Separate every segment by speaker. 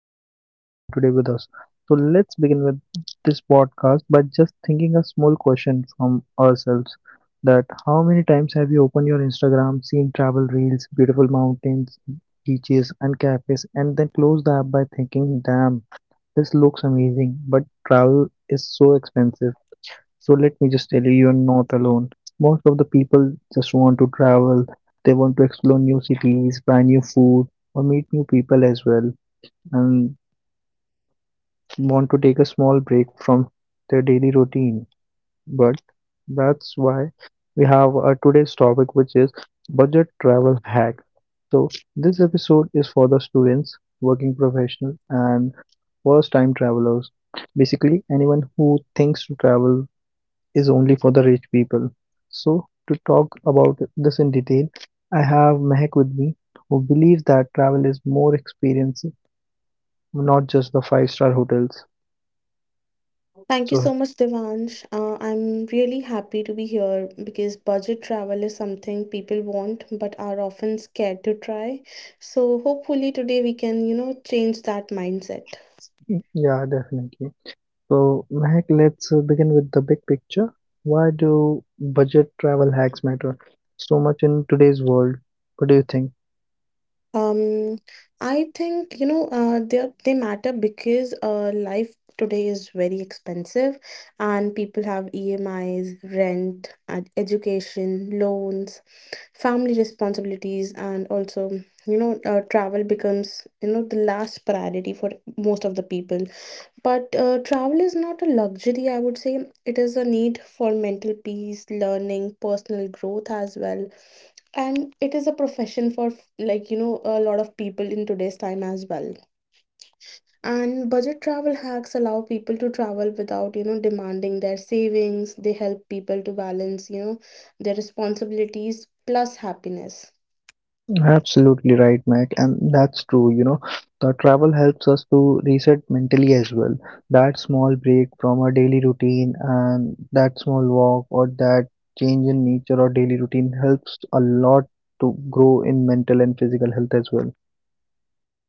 Speaker 1: you are spending your time today with us. So let's begin with this podcast by just thinking a small question from ourselves, that how many times have you opened your Instagram, seen travel reels, beautiful mountains, beaches and cafes, and then close the app by thinking, damn, this looks amazing, but travel is so expensive. So let me just tell you, you're not alone. Most of the people just want to travel. They want to explore new cities, try new food, or meet new people as well, and want to take a small break from their daily routine. But that's why we have our today's topic, which is budget travel hack. So this episode is for the students, working professionals, and first-time travelers. Basically, anyone who thinks to travel is only for the rich people. So, to talk about this in detail, I have Mehak with me, who believes that travel is more experience, not just the five-star hotels.
Speaker 2: Thank you
Speaker 1: So,
Speaker 2: so much, Devansh. I'm really happy to be here because budget travel is something people want but are often scared to try. So hopefully today we can, you know, change that mindset.
Speaker 1: yeah, definitely. So, Mehak, let's begin with the big picture. Why do budget travel hacks matter so much in today's world? What do you think?
Speaker 2: Um, I think they matter because life today is very expensive, and people have EMIs, rent, and education, loans, family responsibilities, and also travel becomes you know the last priority for most of the people. But travel is not a luxury, I would say. It is a need for mental peace, learning, personal growth as well, and it is a profession for like you know a lot of people in today's time as well, and budget travel hacks allow people to travel without you know demanding their savings. They help people to balance you know their responsibilities plus happiness.
Speaker 1: Absolutely right, Mac, and that's true. You know, the travel helps us to reset mentally as well. That small break from our daily routine and that small walk or that change in nature or daily routine helps a lot to grow in mental and physical health as well.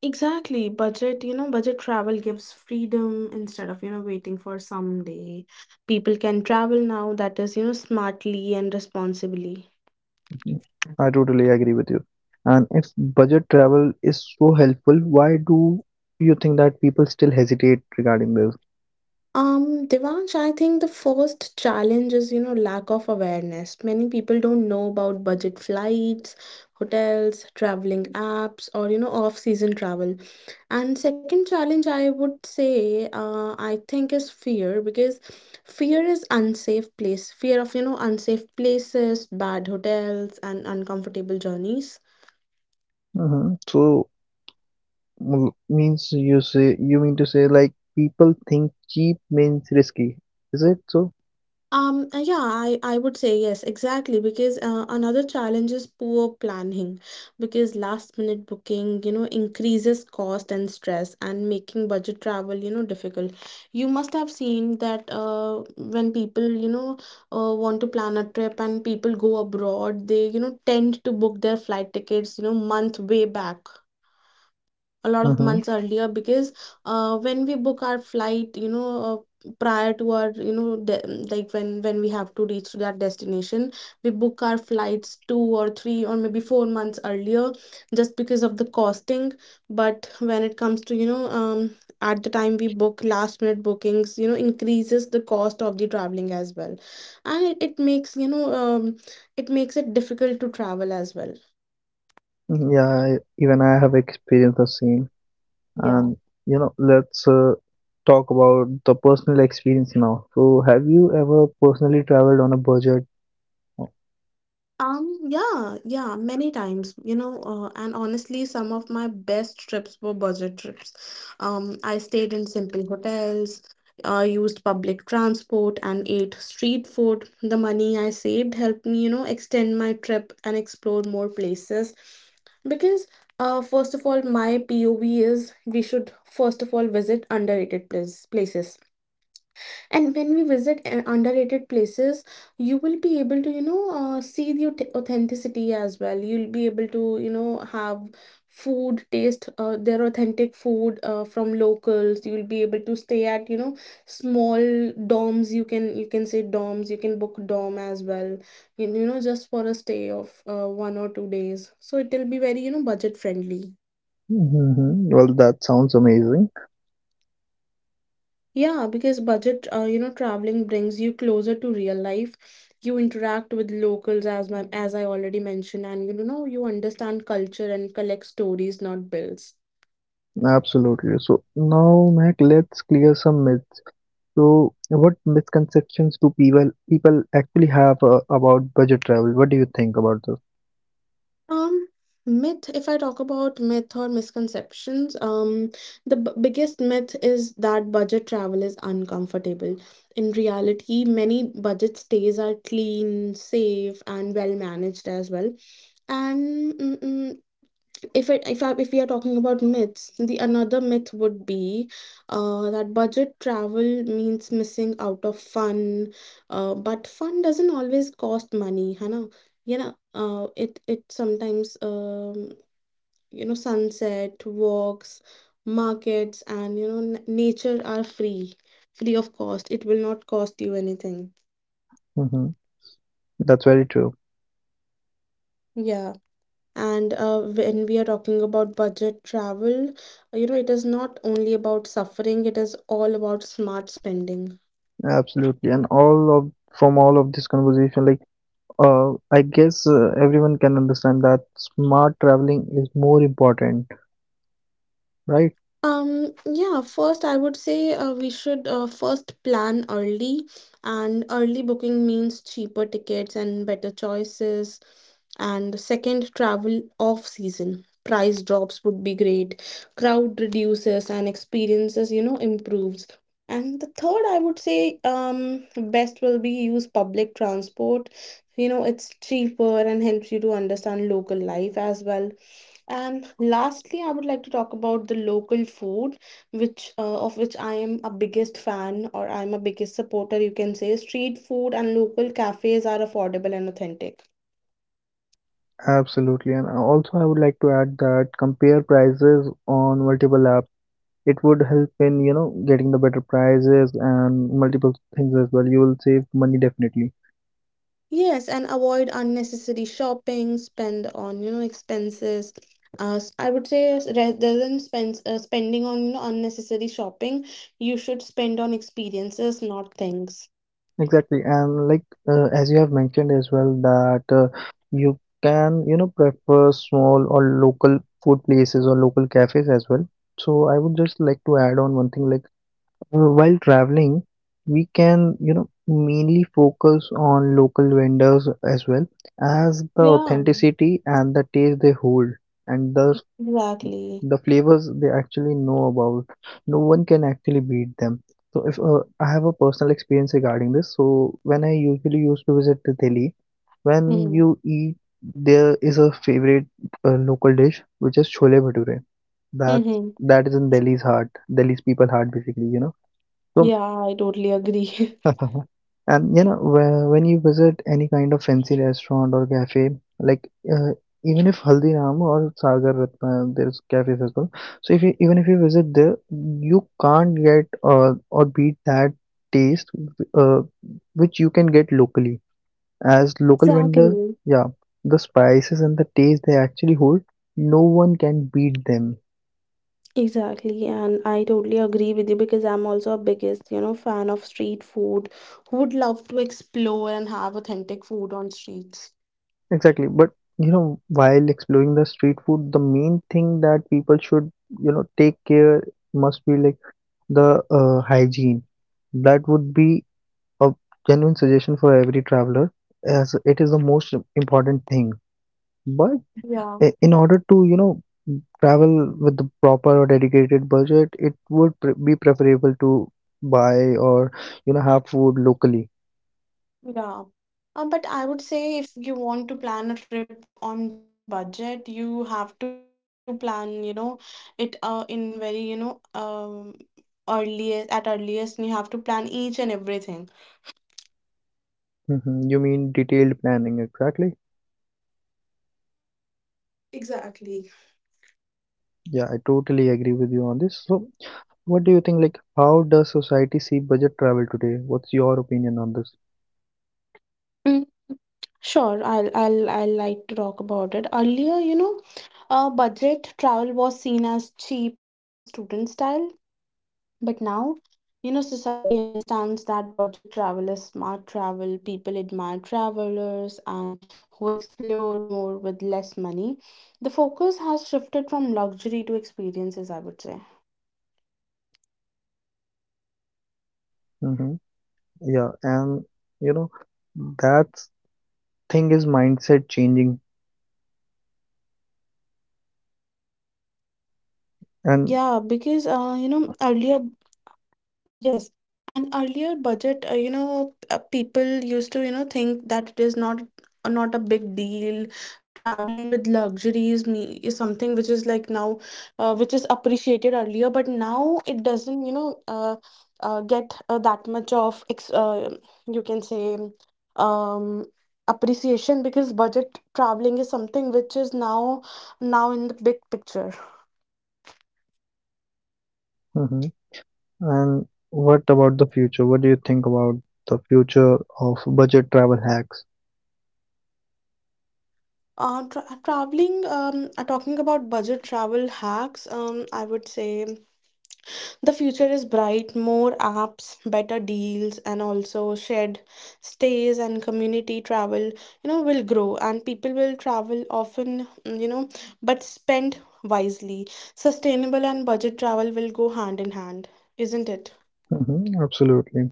Speaker 2: Exactly, budget you know budget travel gives freedom instead of you know waiting for someday. People can travel now, that is you know smartly and responsibly.
Speaker 1: I totally agree with you. And if budget travel is so helpful, why do you think that people still hesitate regarding this?
Speaker 2: Devansh, I think the first challenge is, you know, lack of awareness. Many people don't know about budget flights, hotels, traveling apps, or, you know, off-season travel. And second challenge, I would say, I think is fear because fear is unsafe place, fear of, you know, unsafe places, bad hotels, and uncomfortable journeys.
Speaker 1: Mm-hmm. So, means, you mean to say, like, people think cheap means risky. Is it so?
Speaker 2: Yeah, I would say yes, exactly. Because another challenge is poor planning, because last minute booking, you know, increases cost and stress and making budget travel, you know, difficult. You must have seen that when people, you know, want to plan a trip and people go abroad, they, you know, tend to book their flight tickets, you know, month way back, a lot of
Speaker 1: Mm-hmm.
Speaker 2: months earlier because when we book our flight prior to our like when we have to reach to that destination, we book our flights two or three or maybe four months earlier just because of the costing. But when it comes to at the time we book last minute bookings, you know, increases the cost of the traveling as well, and it makes it makes it difficult to travel as well.
Speaker 1: Yeah, even I have experienced the same.
Speaker 2: Yeah.
Speaker 1: And let's talk about the personal experience now. So, have you ever personally traveled on a budget?
Speaker 2: Yeah, yeah, many times, you know, and honestly, some of my best trips were budget trips. I stayed in simple hotels, used public transport, and ate street food. The money I saved helped me, you know, extend my trip and explore more places. Because, first of all, my POV is we should first of all visit underrated places, and when we visit underrated places, you will be able to you know see the authenticity as well. You'll be able to you know have food, taste their authentic food from locals. You'll be able to stay at you know small dorms, you can say dorms, you can book dorm as well, you know, just for a stay of one or two days, so it will be very you know budget friendly.
Speaker 1: Mm-hmm. Well, that sounds amazing.
Speaker 2: Yeah, because budget, you know, traveling brings you closer to real life. You interact with locals as as I already mentioned, and you know, you understand culture and collect stories, not bills.
Speaker 1: Absolutely. So now, Mac, let's clear some myths. So, what misconceptions do people actually have about budget travel? What do you think about this?
Speaker 2: Um, myth, if I talk about myth or misconceptions, the b biggest myth is that budget travel is uncomfortable. In reality, many budget stays are clean, safe, and well managed as well. And if it if I, if we are talking about myths, the another myth would be that budget travel means missing out of fun, but fun doesn't always cost money, hana, you know it sometimes you know, sunset walks, markets, and you know nature are free, free of cost, it will not cost you anything.
Speaker 1: hmm That's very true.
Speaker 2: Yeah, and when we are talking about budget travel, you know it is not only about suffering, it is all about smart spending.
Speaker 1: Absolutely. And all of from all of this conversation, like I guess everyone can understand that smart traveling is more important, right?
Speaker 2: Yeah, first I would say we should first plan early, and early booking means cheaper tickets and better choices. And second, travel off season. Price drops would be great, crowd reduces, and experiences, you know, improves. And the third, I would say, best will be use public transport. You know, it's cheaper and helps you to understand local life as well. And lastly, I would like to talk about the local food, which of which I am a biggest fan, or I'm a biggest supporter, you can say. Street food and local cafes are affordable and authentic.
Speaker 1: Absolutely. And also, I would like to add that compare prices on multiple apps. It would help in getting the better prices and multiple things as well. You will save money definitely.
Speaker 2: Yes, and avoid unnecessary shopping, spend on, you know, expenses. I would say, rather than spend, spending on, you know, unnecessary shopping, you should spend on experiences, not things.
Speaker 1: Exactly, and like as you have mentioned as well that you can prefer small or local food places or local cafes as well. So I would just like to add on one thing, like while traveling, we can mainly focus on local vendors, as well as the
Speaker 2: Yeah,
Speaker 1: authenticity and the taste they hold and the
Speaker 2: exactly.
Speaker 1: the flavors they actually know about. No one can actually beat them. So if I have a personal experience regarding this. So when I usually used to visit the Delhi, when
Speaker 2: Mm-hmm.
Speaker 1: you eat, there is a favorite local dish, which is chole bhature. that's
Speaker 2: Mm-hmm.
Speaker 1: that is in Delhi's heart, Delhi's people heart, basically, so.
Speaker 2: Yeah, I totally agree.
Speaker 1: And when you visit any kind of fancy restaurant or cafe, like even if Haldiram or Sagar Ratna, there's cafes as well. So if you even if you visit there, you can't get or beat that taste uh, which you can get locally. As local vendor,
Speaker 2: Exactly,
Speaker 1: yeah, the spices and the taste they actually hold, no one can beat them.
Speaker 2: exactly, and I totally agree with you because I'm also a biggest, you know, fan of street food. Who would love to explore and have authentic food on streets?
Speaker 1: Exactly. But while exploring the street food, the main thing that people should take care must be like the hygiene. That would be a genuine suggestion for every traveler, as it is the most important thing. But
Speaker 2: Yeah,
Speaker 1: in order to travel with the proper or dedicated budget, it would be preferable to buy or have food locally.
Speaker 2: yeah. But I would say if you want to plan a trip on budget, you have to plan, you know, it in very, you know, earliest at earliest, and you have to plan each and everything.
Speaker 1: You mean detailed planning, exactly.
Speaker 2: Exactly.
Speaker 1: Yeah, I totally agree with you on this. So, what do you think? Like, how does society see budget travel today? What's your opinion on this?
Speaker 2: Mm, sure, I'll I like to talk about it. Earlier, you know, budget travel was seen as cheap and student style, but now, you know, society understands that budget travel is smart travel. People admire travelers and who explore more with less money. The focus has shifted from luxury to experiences, I would say.
Speaker 1: Mm-hmm. Yeah, and you know, that thing is mindset changing. And
Speaker 2: Yeah, because you know, earlier. Yes, and earlier budget, you know, people used to, you know, think that it is not a big deal. Traveling with luxury is me is something which is like now, which is appreciated earlier, but now it doesn't, you know, get that much of ex you can say, um, appreciation, because budget traveling is something which is now in the big picture.
Speaker 1: Mhm. And what about the future? What do you think about the future of budget travel hacks?
Speaker 2: Traveling, talking about budget travel hacks, I would say the future is bright, more apps, better deals, and also shared stays and community travel, you know, will grow, and people will travel often, you know, but spend wisely. Sustainable and budget travel will go hand in hand, isn't it?
Speaker 1: Mm-hmm. Absolutely.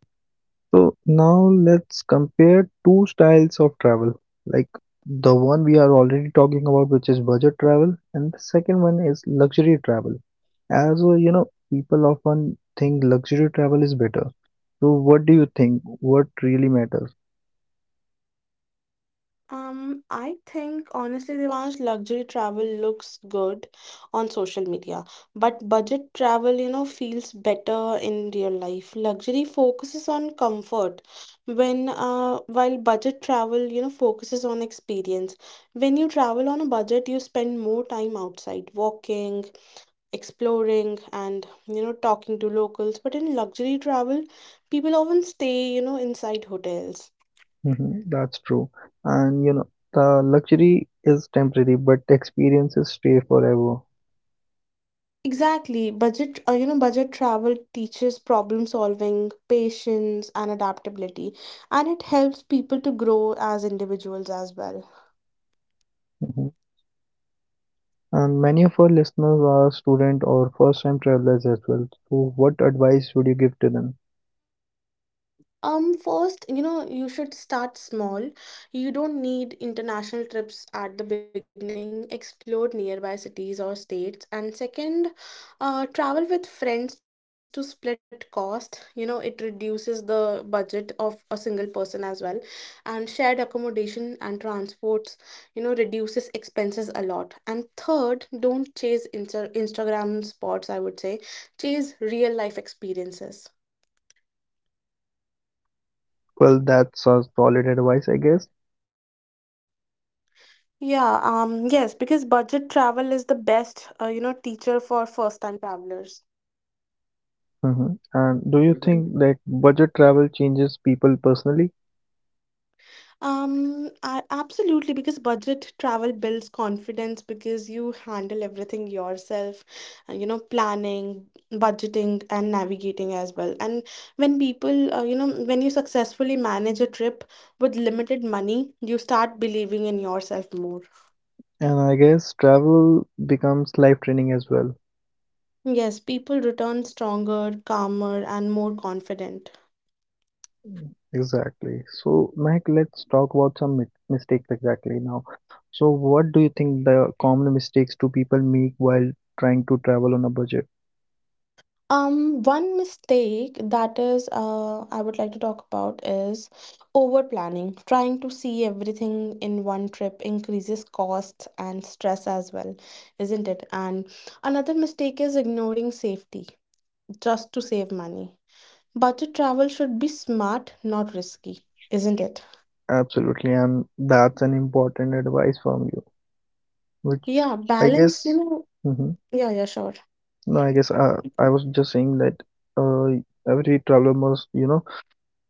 Speaker 1: So now let's compare two styles of travel, like the one we are already talking about, which is budget travel, and the second one is luxury travel. As people often think luxury travel is better. So what do you think? What really matters?
Speaker 2: I think honestly, Devansh, luxury travel looks good on social media, but budget travel, you know, feels better in real life. Luxury focuses on comfort, when while budget travel, you know, focuses on experience. When you travel on a budget, you spend more time outside, walking, exploring, and you know, talking to locals. But in luxury travel, people often stay, you know, inside hotels.
Speaker 1: Mhm, that's true. And the luxury is temporary, but experiences stay forever.
Speaker 2: Exactly. Budget, you know, budget travel teaches problem solving, patience, and adaptability, and it helps people to grow as individuals as well.
Speaker 1: Mhm. And many of our listeners are student or first time travelers as well. So what advice would you give to them?
Speaker 2: First, you know, you should start small. You don't need international trips at the beginning. Explore nearby cities or states. And second, travel with friends to split cost. You know, it reduces the budget of a single person as well. And shared accommodation and transports, you know, reduces expenses a lot. And third, don't chase Instagram spots, I would say. Chase real life experiences.
Speaker 1: Well, that's a solid advice, I guess.
Speaker 2: Yeah, yes, because budget travel is the best, you know, teacher for first-time travelers.
Speaker 1: And do you think that budget travel changes people personally?
Speaker 2: Absolutely, because budget travel builds confidence because you handle everything yourself, you know, planning, budgeting, and navigating as well. And when you know, when you successfully manage a trip with limited money, you start believing in yourself more.
Speaker 1: And I guess travel becomes life training as well.
Speaker 2: Yes, people return stronger, calmer, and more confident.
Speaker 1: Mm, exactly. So, Mike, let's talk about some mistakes exactly now. So, what do you think the common mistakes do people make while trying to travel on a budget?
Speaker 2: One mistake that I would like to talk about is over planning. Trying to see everything in one trip increases cost and stress as well, isn't it? And another mistake is ignoring safety just to save money. Budget travel should be smart, not risky, isn't it?
Speaker 1: Absolutely, and that's an important advice from you, which
Speaker 2: Yeah,
Speaker 1: I
Speaker 2: balance, you
Speaker 1: guess.
Speaker 2: know.
Speaker 1: Mm-hmm.
Speaker 2: Yeah, yeah, sure.
Speaker 1: No, I guess
Speaker 2: Mm-hmm.
Speaker 1: I was just saying that every traveler must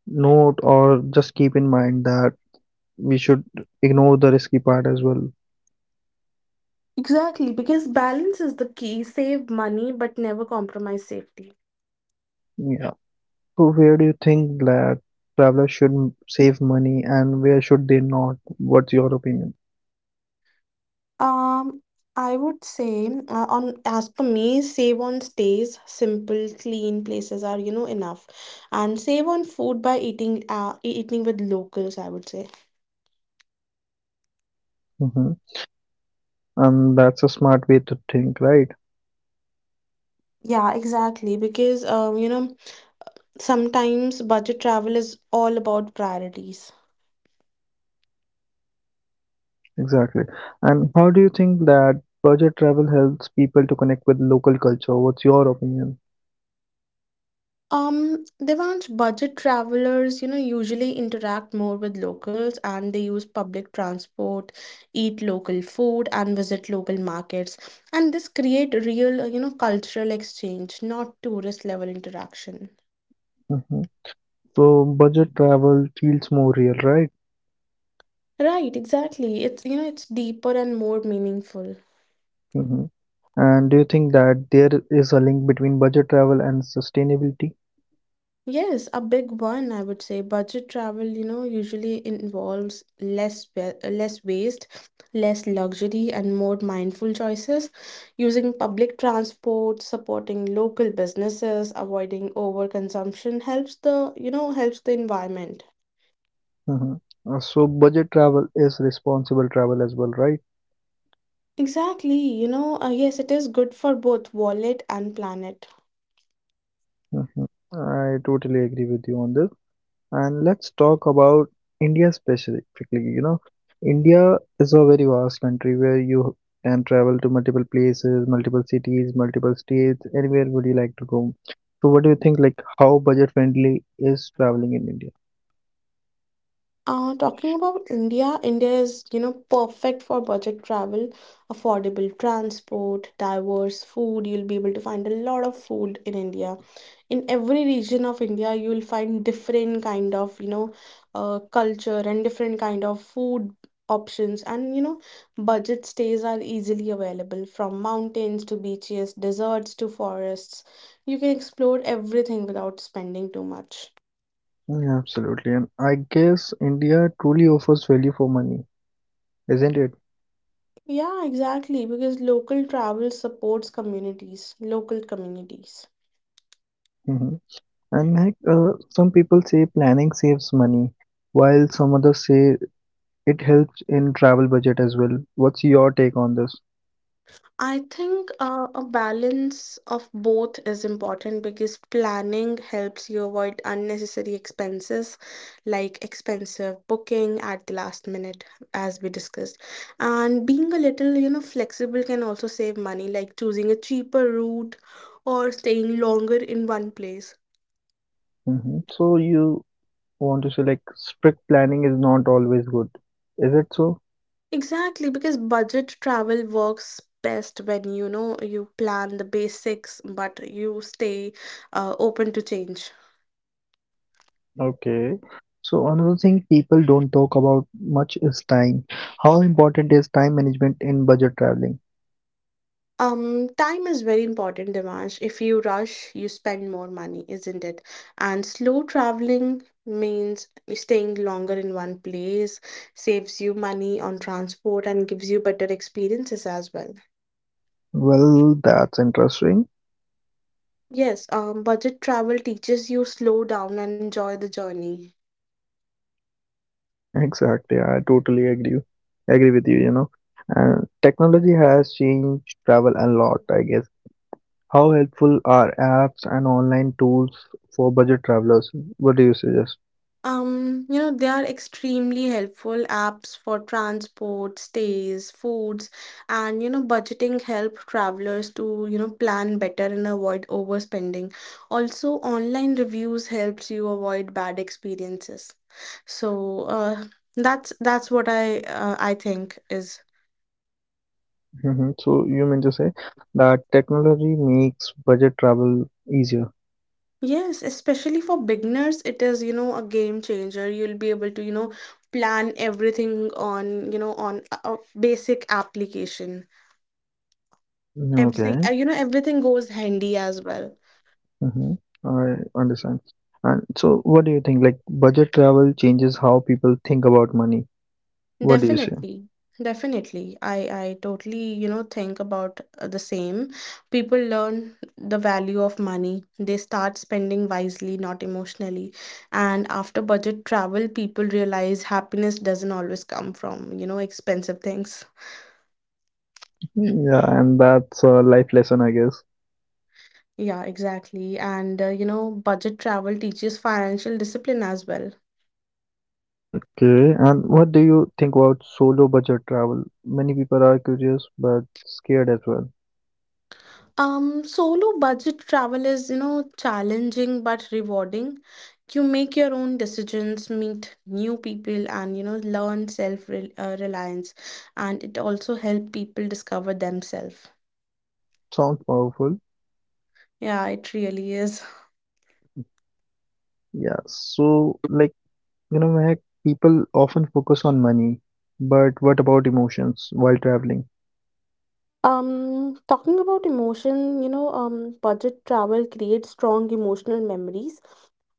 Speaker 1: note or just keep in mind that we should ignore the risky part as well.
Speaker 2: Exactly, because balance is the key. Save money, but never compromise safety.
Speaker 1: Yeah. So where do you think that travelers should save money, and where should they not? What's your opinion?
Speaker 2: Um, I would say, on as per me, save on stays, simple, clean places are, you know, enough. And save on food by eating, eating with locals, I would say.
Speaker 1: Mhm. And that's a smart way to think, right?
Speaker 2: Yeah, exactly. Because, you know, sometimes budget travel is all about priorities.
Speaker 1: Exactly. And how do you think that budget travel helps people to connect with local culture? What's your opinion?
Speaker 2: Devansh, budget travelers, you know, usually interact more with locals, and they use public transport, eat local food, and visit local markets. And this create real, you know, cultural exchange, not tourist level interaction.
Speaker 1: hmm So budget travel feels more real, right?
Speaker 2: Right, exactly. It's, you know, it's deeper and more meaningful.
Speaker 1: hmm And do you think that there is a link between budget travel and sustainability?
Speaker 2: Yes, a big one, I would say. Budget travel, you know, usually involves less waste, less luxury, and more mindful choices. Using public transport, supporting local businesses, avoiding overconsumption helps helps the environment.
Speaker 1: hmm so budget travel is responsible travel as well, right?
Speaker 2: Exactly, yes, it is good for both wallet and planet.
Speaker 1: hmm I totally agree with you on this. And let's talk about India specifically. India is a very vast country where you can travel to multiple places, multiple cities, multiple states, anywhere would you like to go. So what do you think, like how budget friendly is traveling in India?
Speaker 2: Talking about India, India is, perfect for budget travel, affordable transport, diverse food. You'll be able to find a lot of food in India. In every region of India, you'll find different kind of, culture and different kind of food options. And budget stays are easily available from mountains to beaches, deserts to forests. You can explore everything without spending too much.
Speaker 1: Yeah, absolutely. And I guess India truly offers value for money, isn't it?
Speaker 2: Yeah, exactly, because local travel supports communities, local communities.
Speaker 1: Hmm. And like some people say planning saves money, while some others say it helps in travel budget as well. What's your take on this?
Speaker 2: I think a balance of both is important because planning helps you avoid unnecessary expenses like expensive booking at the last minute, as we discussed. And being a little, flexible can also save money, like choosing a cheaper route or staying longer in one place.
Speaker 1: Mhm. So you want to say, like, strict planning is not always good. Is it so?
Speaker 2: Exactly, because budget travel works best when you know you plan the basics, but you stay open to change.
Speaker 1: Okay. So another thing people don't talk about much is time. How important is time management in budget traveling?
Speaker 2: Time is very important, Dimash. If you rush, you spend more money, isn't it? And slow traveling means staying longer in one place, saves you money on transport, and gives you better experiences as well.
Speaker 1: Well, that's interesting.
Speaker 2: Yes, budget travel teaches you slow down and enjoy the journey.
Speaker 1: Exactly. I totally agree. Agree with you, you know. And technology has changed travel a lot, I guess. How helpful are apps and online tools for budget travelers? What do you suggest?
Speaker 2: They are extremely helpful apps for transport, stays, foods, and budgeting help travelers to, plan better and avoid overspending. Also, online reviews helps you avoid bad experiences. So, that's what I think is.
Speaker 1: Mhm. So you mean to say that technology makes budget travel easier?
Speaker 2: Yes, especially for beginners, it is, a game changer. You'll be able to, plan everything on, on a basic application. Everything,
Speaker 1: Okay.
Speaker 2: everything goes handy as well.
Speaker 1: Mm-hmm. I understand. And so, what do you think? Like, budget travel changes how people think about money. What do you say?
Speaker 2: Definitely. Definitely. I totally, think about the same. People learn the value of money. They start spending wisely, not emotionally. And after budget travel, people realize happiness doesn't always come from, expensive things.
Speaker 1: Yeah, and that's a life lesson, I guess.
Speaker 2: Yeah, exactly. And budget travel teaches financial discipline as well.
Speaker 1: Okay. And what do you think about solo budget travel? Many people are curious but scared as well.
Speaker 2: Solo budget travel is, challenging but rewarding. You make your own decisions, meet new people, and you know, learn reliance. And it also helps people discover themselves.
Speaker 1: Sounds powerful.
Speaker 2: Yeah, it really is.
Speaker 1: Yeah. So, like. You know, Mehak, people often focus on money, but what about emotions while traveling?
Speaker 2: Talking about emotion, budget travel creates strong emotional memories.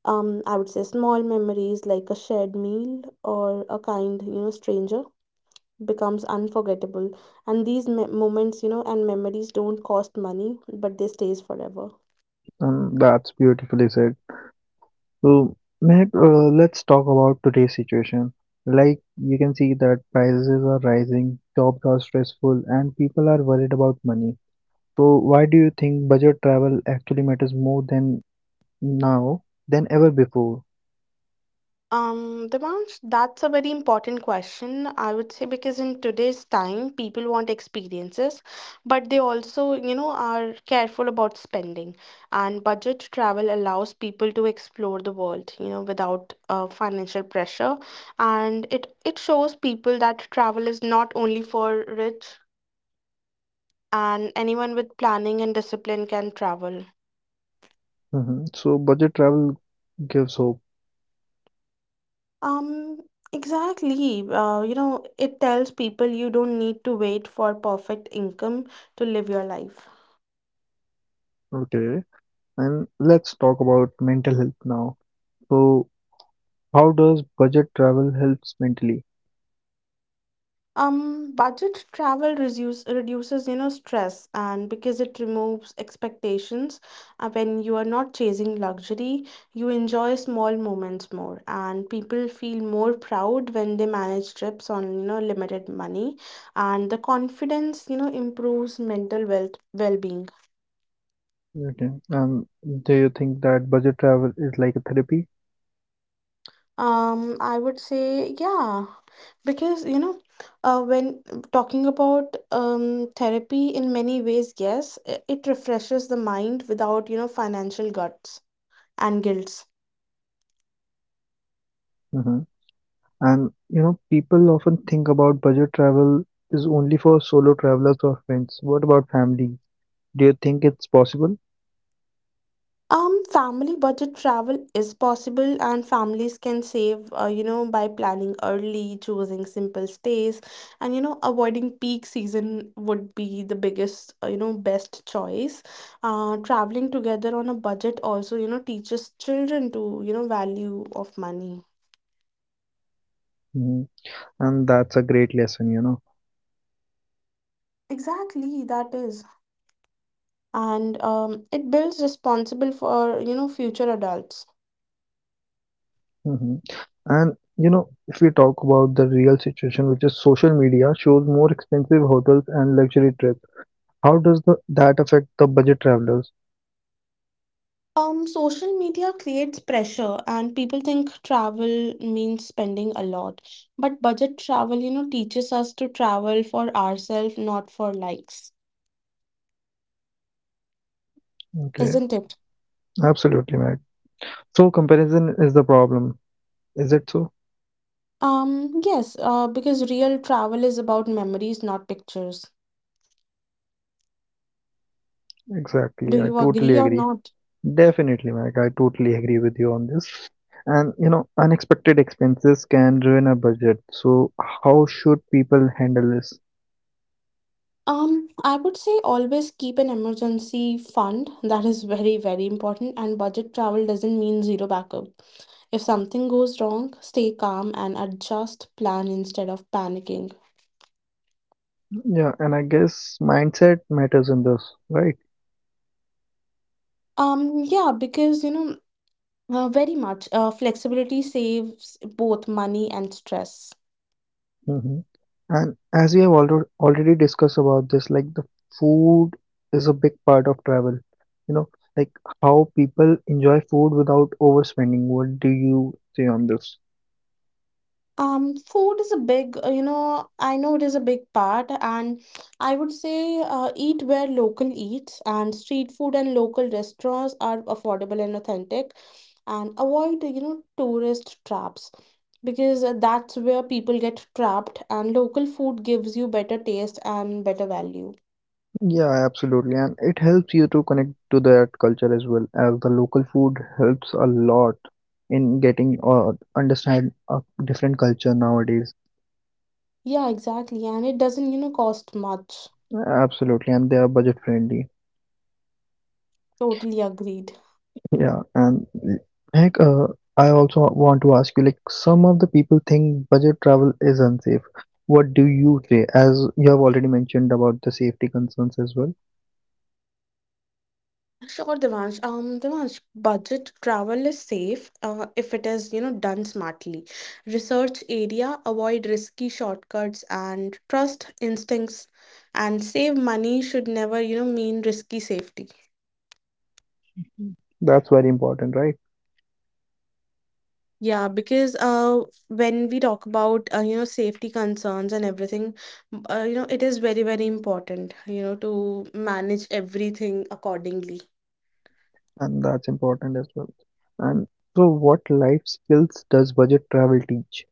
Speaker 2: I would say small memories like a shared meal or a kind, stranger becomes unforgettable, and these moments, you know, and memories don't cost money, but they stays forever.
Speaker 1: That's beautifully said. So, Mehak, let's talk about today's situation. Like you can see that prices are rising, jobs are stressful, and people are worried about money. So, why do you think budget travel actually matters more than now than ever before?
Speaker 2: Um, Dimansh, that's a very important question, I would say, because in today's time, people want experiences, but they also, are careful about spending. And budget travel allows people to explore the world, you know, without financial pressure. And it shows people that travel is not only for rich, and anyone with planning and discipline can travel.
Speaker 1: So, budget travel gives hope.
Speaker 2: Um, exactly. It tells people you don't need to wait for perfect income to live your life.
Speaker 1: Okay, and let's talk about mental health now. So, how does budget travel helps mentally?
Speaker 2: Budget travel reduces, stress, and because it removes expectations. When you are not chasing luxury, you enjoy small moments more, and people feel more proud when they manage trips on, limited money, and the confidence, improves mental wealth well-being.
Speaker 1: Okay. Um. Do you think that budget travel is like a therapy?
Speaker 2: I would say, yeah. Because when talking about therapy in many ways, yes, it refreshes the mind without, you know, financial guts and guilts.
Speaker 1: hmm And people often think about budget travel is only for solo travelers or friends. What about families? Do you think it's possible?
Speaker 2: Family budget travel is possible, and families can save you know, by planning early, choosing simple stays, and you know, avoiding peak season would be the biggest, best choice. Traveling together on a budget also, you know, teaches children to, you know, value of money.
Speaker 1: hmm And that's a great lesson.
Speaker 2: Exactly, that is. And it builds responsible for, future adults.
Speaker 1: hmm And if we talk about the real situation, which is social media shows more expensive hotels and luxury trips. How does that affect the budget travelers?
Speaker 2: Social media creates pressure, and people think travel means spending a lot. But budget travel, teaches us to travel for ourselves, not for likes,
Speaker 1: Okay,
Speaker 2: isn't it?
Speaker 1: absolutely, Max. So comparison is the problem. Is it so?
Speaker 2: Yes, because real travel is about memories, not pictures.
Speaker 1: Exactly.
Speaker 2: Do
Speaker 1: I
Speaker 2: you
Speaker 1: totally
Speaker 2: agree or
Speaker 1: agree.
Speaker 2: not?
Speaker 1: Definitely, Mike. I totally agree with you on this. And unexpected expenses can ruin a budget. So how should people handle this?
Speaker 2: I would say always keep an emergency fund. That is very, very important. And budget travel doesn't mean zero backup. If something goes wrong, stay calm and adjust plan instead of panicking.
Speaker 1: Yeah, and I guess mindset matters in this, right?
Speaker 2: Yeah, because very much flexibility saves both money and stress.
Speaker 1: hmm And as we have already discussed about this, like, the food is a big part of travel. You know, like, how people enjoy food without overspending. What do you say on this?
Speaker 2: Food is a big, I know it is a big part, and I would say eat where local eats, and street food and local restaurants are affordable and authentic, and avoid, tourist traps, because that's where people get trapped, and local food gives you better taste and better value.
Speaker 1: Yeah, absolutely. And it helps you to connect to that culture, as well as the local food helps a lot in getting or understand a different culture nowadays.
Speaker 2: Yeah, exactly, and it doesn't, cost much.
Speaker 1: Absolutely. And they are budget friendly.
Speaker 2: Totally agreed.
Speaker 1: Yeah. And like, I also want to ask you, like, some of the people think budget travel is unsafe. What do you say? As you have already mentioned about the safety concerns as well.
Speaker 2: Sure, Devansh. Devansh, budget travel is safe if it is, done smartly. Research area, avoid risky shortcuts and trust instincts, and save money should never, mean risky safety.
Speaker 1: That's very important, right?
Speaker 2: Yeah, because when we talk about, safety concerns and everything, it is very, very important, you know, to manage everything accordingly.
Speaker 1: And that's important as well. And so, what life skills does budget travel teach?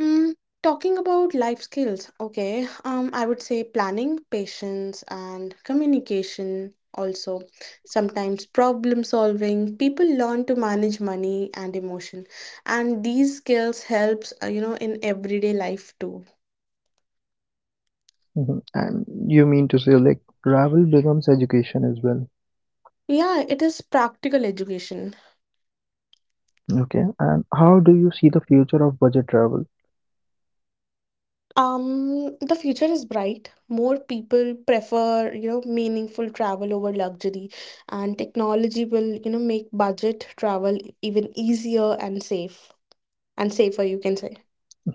Speaker 2: Mm, Talking about life skills, okay, I would say planning, patience, and communication. Also, sometimes problem solving. People learn to manage money and emotion, and these skills helps you know, in everyday life too.
Speaker 1: Mhm. And you mean to say, like, travel becomes education as well.
Speaker 2: Yeah, it is practical education.
Speaker 1: Okay. And how do you see the future of budget travel?
Speaker 2: The future is bright. More people prefer, meaningful travel over luxury, and technology will, make budget travel even easier and safe, and safer, you can say.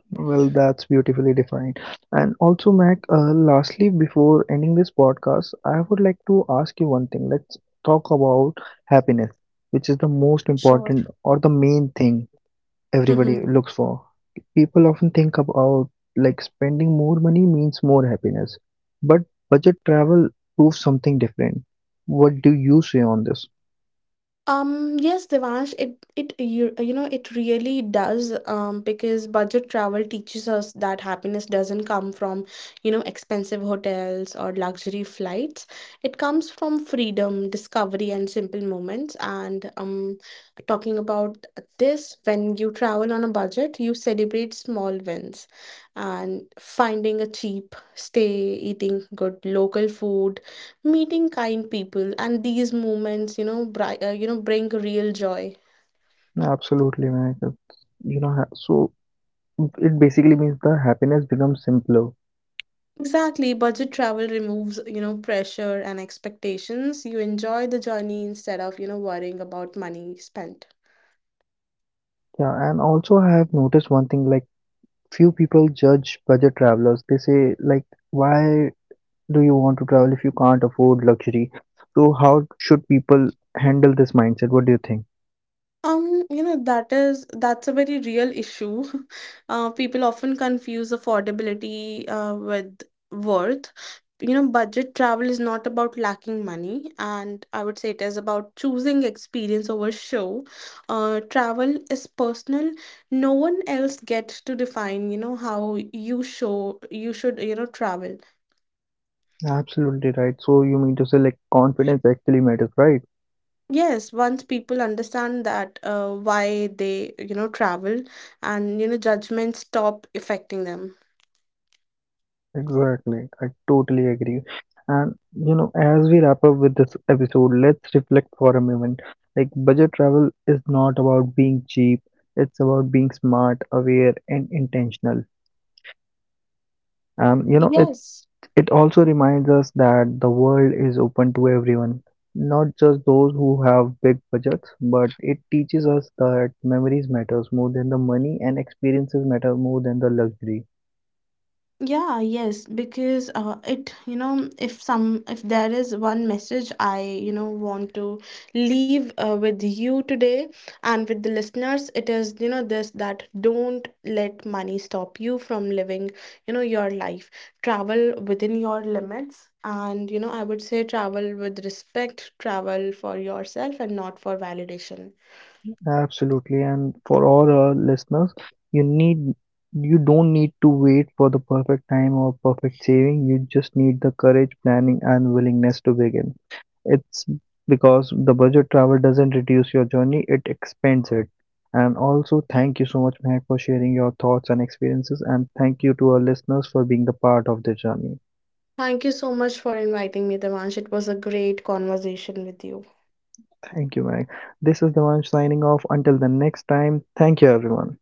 Speaker 1: Well, that's beautifully defined. And also, Mac, lastly, before ending this podcast, I would like to ask you one thing. Let's talk about happiness, which is the most
Speaker 2: Sure.
Speaker 1: important or the main thing everybody
Speaker 2: Mm-hmm.
Speaker 1: looks for. People often think about, like, spending more money means more happiness, but budget travel proves something different. What do you say on this?
Speaker 2: Yes, Devansh, it you, you know, it really does, because budget travel teaches us that happiness doesn't come from, expensive hotels or luxury flights. It comes from freedom, discovery, and simple moments. And talking about this, when you travel on a budget, you celebrate small wins, and finding a cheap stay, eating good local food, meeting kind people, and these moments, you know, bring real joy.
Speaker 1: Absolutely, man. So it basically means the happiness becomes simpler.
Speaker 2: Exactly, budget travel removes, you know, pressure and expectations. You enjoy the journey instead of, you know, worrying about money spent.
Speaker 1: Yeah, and also I have noticed one thing, like, few people judge budget travelers. They say, like, why do you want to travel if you can't afford luxury? So how should people handle this mindset? What do you think?
Speaker 2: That's a very real issue. People often confuse affordability with worth. You know, budget travel is not about lacking money, and I would say it is about choosing experience over show. Travel is personal. No one else gets to define, how you should, travel.
Speaker 1: Absolutely right. So you mean to say, like, confidence actually matters, right?
Speaker 2: Yes, once people understand that why they, travel, and you know, judgments stop affecting them.
Speaker 1: Exactly. I totally agree. And as we wrap up with this episode, let's reflect for a moment. Like, budget travel is not about being cheap, it's about being smart, aware and intentional. Um, you know, it
Speaker 2: Yes.
Speaker 1: it also reminds us that the world is open to everyone, not just those who have big budgets, but it teaches us that memories matters more than the money and experiences matter more than the luxury.
Speaker 2: Yeah, yes, because it, if some, if there is one message I, want to leave with you today and with the listeners, it is, this, that don't let money stop you from living, your life. Travel within your limits. And, I would say travel with respect, travel for yourself and not for validation.
Speaker 1: Absolutely, and for all our listeners, you need you don't need to wait for the perfect time or perfect saving. You just need the courage, planning, and willingness to begin. It's because the budget travel doesn't reduce your journey; it expands it. And also, thank you so much, Mehak, for sharing your thoughts and experiences, and thank you to our listeners for being the part of the journey.
Speaker 2: Thank you so much for inviting me, Devansh. It was a great conversation with you.
Speaker 1: Thank you, Mehak. This is the one signing off. Until the next time, thank you, everyone.